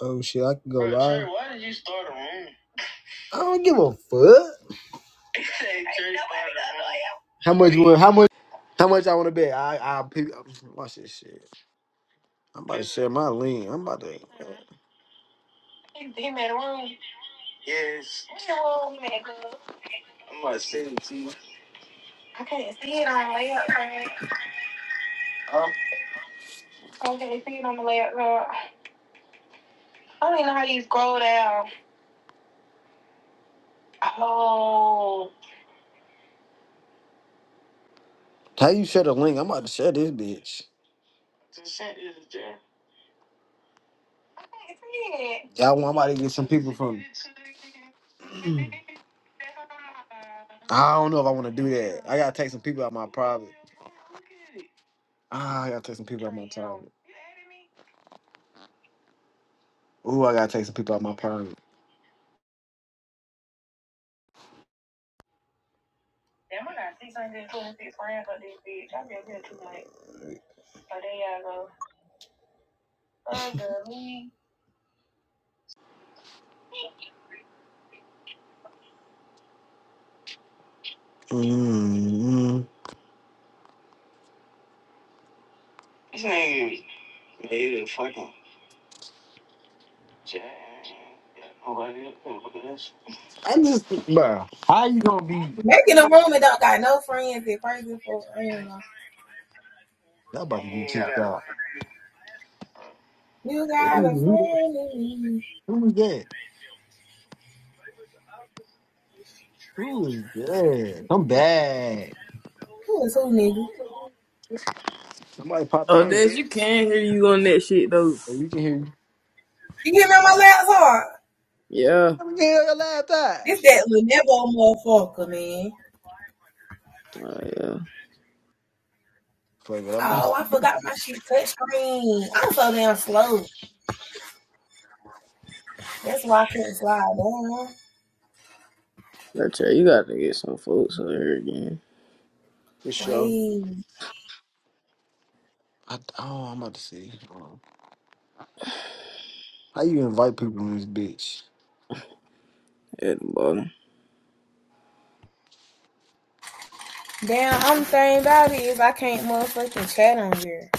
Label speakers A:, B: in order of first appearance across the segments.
A: Oh shit, I can go live. I don't give a fuck. How much? you want- How much? How much I want to bet? I I pick. Watch this shit. I'm about to share my lean. I'm about to. He made a room. What's your room, man, I can't see it on the layup card. I can't see it on the layup card. I don't even know how you scroll down. Oh. How you share the link? I'm about to share this bitch. I can't see it. Y'all want? I'm about to get some people from. Mm. I don't know if I want to do that. I gotta take some people out my private. Ah, I gotta take some people out my private. Ooh, I gotta take some people out my private. Damn, I got six hundred twenty-six grand for this bitch. I just here too much. So there y'all go. Uh, girl, me. mm I'm just, bro. How you gonna be?
B: Making a room and don't got no friends and crazy for I
A: That about to be kicked out.
B: You got a
A: Ooh,
B: friend in me.
A: who that? Who is that? Who is that? I'm bad.
B: Who is who, nigga?
A: Somebody popped
C: Oh,
A: in.
C: Des, you can hear you on that shit though.
A: Oh, We can hear you.
B: You hear me on my last heart?
C: Yeah.
A: Let me get your laptop.
B: This that Lenovo motherfucker, man.
C: Oh yeah.
A: Fuck it, I'm
B: Oh, I forgot my shit touchscreen. I'm so damn slow. That's why I couldn't slide down.
C: That's right. You gotta get some folks over here again.
A: for sure.
B: Wait.
A: I, oh, I'm about to see. Hold on. How you invite people in this bitch?
C: At the bottom.
B: Damn, only thing about it is I can't motherfucking chat on here.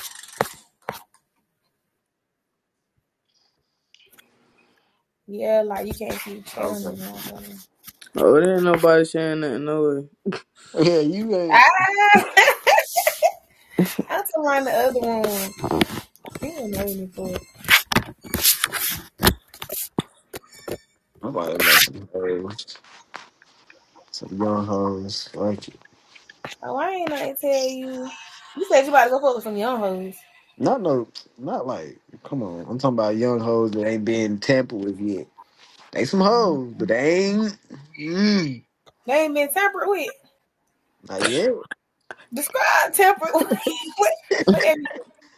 B: Yeah, like you can't keep chat on
A: Okay.
B: this motherfucker.
C: Oh, there ain't nobody saying nothing no way.
A: Yeah, you ain't.
B: Ah! I'm talking about the other one. You don't know me for it.
A: I'm about to invite some hoes, some young hoes. Like, it.
B: Oh, I ain't I tell you. You said you about to go fuck with some young hoes.
A: not no, not like. Come on, I'm talking about young hoes that ain't been tampered with yet. They some
B: Mm-hmm.
A: hoes, but they ain't. Mm,
B: They ain't been tempered with.
A: not yet.
B: Describe tempered with. what, what that mean?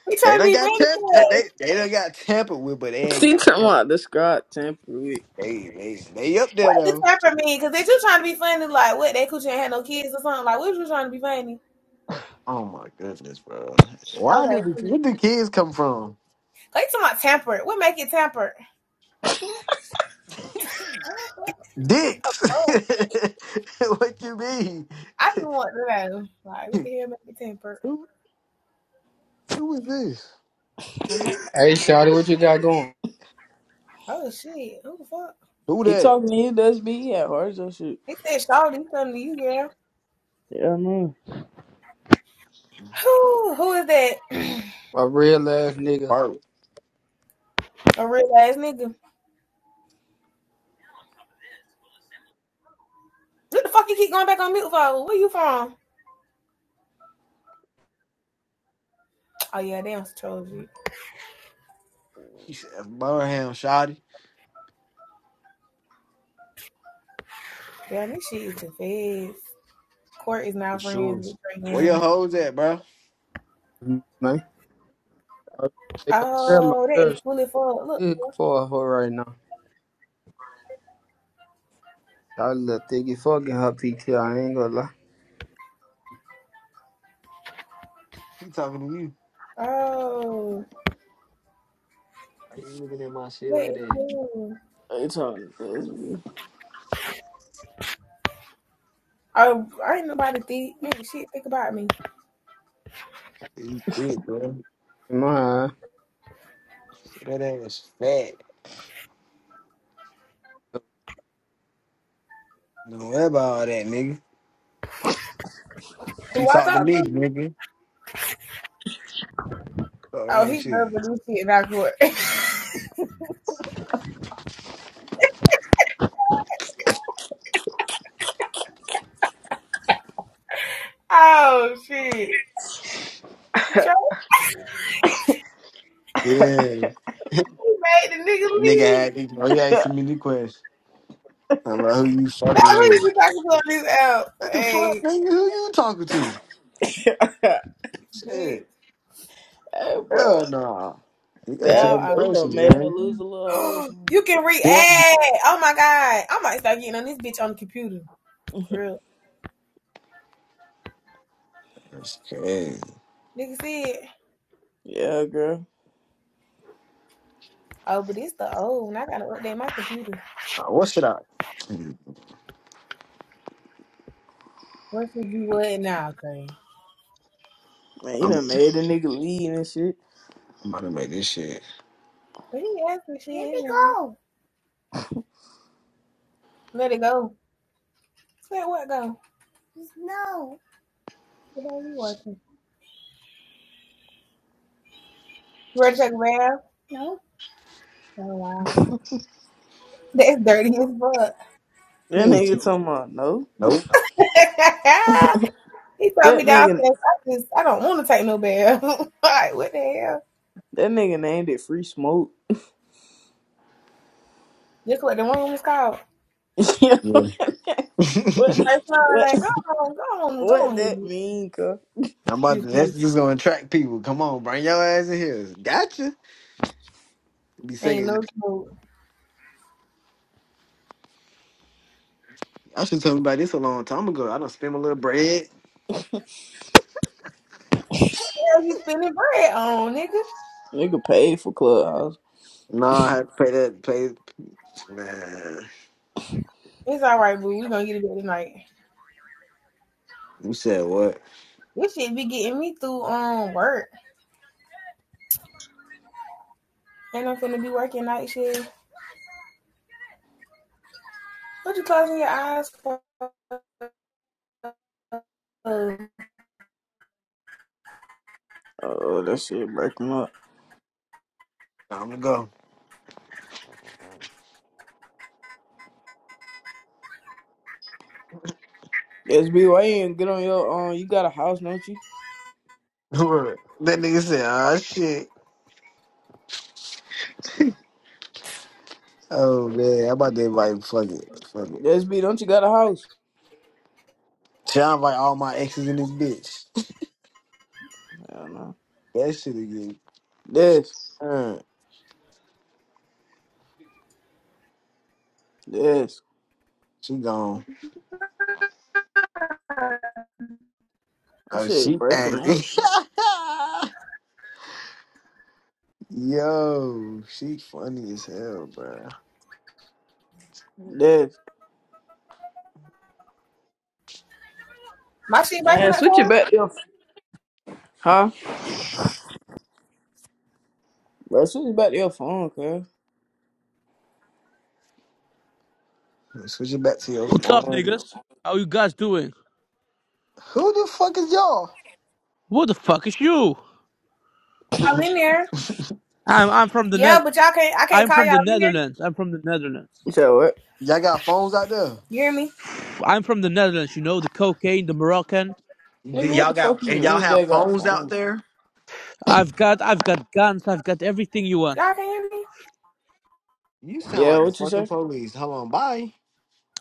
B: We
A: They
B: trying to
A: done
B: be
A: got
B: funny
A: tampered. They
B: because
A: they done got tampered with, but they ain't
C: He
A: got.
C: talking
A: Tampered.
C: about the Scott temper week.
A: They they they up there
B: what the
A: though.
B: temper mean? Because they just trying to be funny. Like what? That coochie ain't had no kids or something. Like what you trying to be funny?
A: Oh my goodness, bro. Why
B: Okay,
A: did the,
B: cool.
A: where the kids come from?
B: they talking about tempered. What make it tempered? Oh,
A: Dicks.
B: fuck.
A: what you mean?
B: I just want to know. Like what the hell make it tempered?
A: Who who is this?
B: I'm not.
D: Hey, Shawty, what you got going?
B: Oh shit! Who the fuck?
A: Who
C: He
A: that?
C: talking to you, Des B. He at hard or shit.
B: He said, "Shawty, something to you, girl."
C: Yeah, I know.
B: Who? Who is that?
D: A real ass nigga,
A: Bart.
B: A real ass nigga. What the fuck you keep going back on mute for? Where you from? Oh yeah, they don't troll you.
A: He said Birmingham Shotty
B: Damn, this shit is the feds. Court is
A: for
B: not friends
A: sure.
B: with Trey
A: Where your hoes at, bro?
D: man. I was trying to go grab my
B: Oh, that is
D: girl. She
B: cool as fuck. Look.
D: big for her right now. Shawty look thick. You fucking her PTR. I ain't gonna lie.
A: He talking to you.
B: Oh,
A: Why you looking at my shit
B: that
A: like
B: is
A: that?
B: cool.
C: He talking to
B: Oh, I ain't nobody think ain't shit think about me.
A: You thick, bro.
D: In my eyes.
A: That ass fat. Don't worry about all that, nigga.
B: Who
A: She
B: I
A: talked to
B: talk
A: me,
B: to?
A: nigga. What's
B: Oh,
A: wrong
B: he
A: with you?
B: loves this shit in our court. oh shit. Trey,
A: Yeah.
B: he made the nigga
A: Nigga
B: leave.
A: had oh, he
C: Des B.
A: asked me the question. I'm like, who you
B: Now
A: fucking
B: who you
A: with?
B: be talking to on this app?
A: What the fuck,
B: Hey,
A: nigga? Who you talking to?
B: bitch.
A: Shit.
C: hey, bro.
A: Hell nah. He got too
B: Y'all
C: That
A: many
C: bro,
B: are
C: you done
A: questions,
C: made her
A: gang.
C: lose a little hoe or something.
B: you can
A: Yeah.
B: react. Oh my god. I might start getting on this bitch on the computer. For real.
A: That's crazy.
B: Nigga said,
C: Yeah, girl.
B: Oh, but it's the old one. I gotta update my computer.
A: Uh, what should I? I'm,
B: What should you what now, Trey?
C: Man, you
A: I'm
C: done made the nigga lead and shit.
A: about to make this shit.
B: But he asked me shit. Let it go. Let it go. Let what go? No. What are you watching? You ready to take a bath? No. Oh wow. That's dirty as fuck.
C: That
A: Yeah.
C: nigga talking about no.
A: Nope.
B: he told
C: That
B: me
C: nigga,
B: downstairs, I just I don't wanna take no bath. like, what the hell?
C: that nigga named it free smoke.
B: This what the room is called.
C: You know
A: Yeah.
C: what, what,
B: Tayshawn,
C: what
B: like, go on, go on, go on
C: that
B: here.
C: mean, cuz?
A: I'm about
B: Free
A: to, that's
B: smoke.
A: just gonna attract people. Come on, bring your ass in here. Gotcha. Be
B: Ain't
A: singing.
B: no smoke.
A: I should tell me about this a long time ago. I don't spend my little bread.
B: What the hell you spending bread on, nigga?
C: Nigga paid for clubhouse.
A: No, I had to pay that. Pay. Man,
B: It's all right, boo. We gonna get it tonight.
A: You said what?
B: This shit be getting me through um work. And I'm finna be working night shift. What you closing your eyes for? Uh,
C: Oh, that shit breaking up.
A: time to go.
C: SB, why you ain't get on your um? You got a house, don't you?
A: Word. that nigga said, "Ah, shit." Oh man, I'm about to invite. Fuck it. Fuck it.
C: SB, don't you got a house?
A: Sound like all my exes in this bitch.
C: I don't know.
A: That shit again.
C: This,
A: Uh,
C: this,
A: she gone.
C: that
A: Oh,
C: shit
A: she
C: breaking
A: angry.
C: up.
A: Yo, she funny as hell, bro.
C: This,
B: My shit breaking
C: and
B: that
C: switch it
B: car?
C: back to your huh? Bro, switch it back to your phone, cuz.
A: Switch it back to your
E: What's up,
A: phone.
E: niggas? How you guys doing?
A: Who the fuck is y'all?
E: What the fuck is you?
B: Y'all
A: y'all
B: in there?
E: I'm I'm from the
B: Yeah,
E: net.
B: but y'all can't. I can't
E: I'm
B: call
E: from
B: y'all
E: the
B: in there.
E: Netherlands. I'm from the Netherlands.
C: You said what?
A: got phones out there?
B: You hear me?
E: I'm from the Netherlands. You know the cocaine, the Moroccan.
A: D-
C: Nigga, what
A: Y'all
C: the fuck
A: got
C: you
A: and y'all
C: mean?
A: have
C: They got
A: phones out
C: phone?
A: there?
E: I've got I've got guns. I've got everything you want.
B: Y'all can't hear me?
A: You sound
C: Yeah,
A: like the
C: what you
A: fucking
C: say?
A: police. Hold on, bye.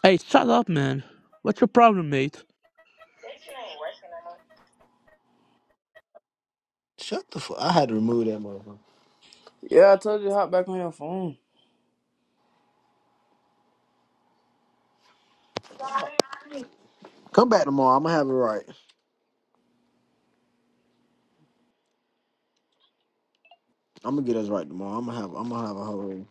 E: Hey, shut up, man. What's your problem, mate?
A: Shut the fuck. I had to remove that motherfucker.
C: Yeah, I told you to hop back on your phone.
A: Come back tomorrow. I'm gonna have it right. I'm gonna get us right tomorrow. I'm gonna have. I'm gonna have a whole.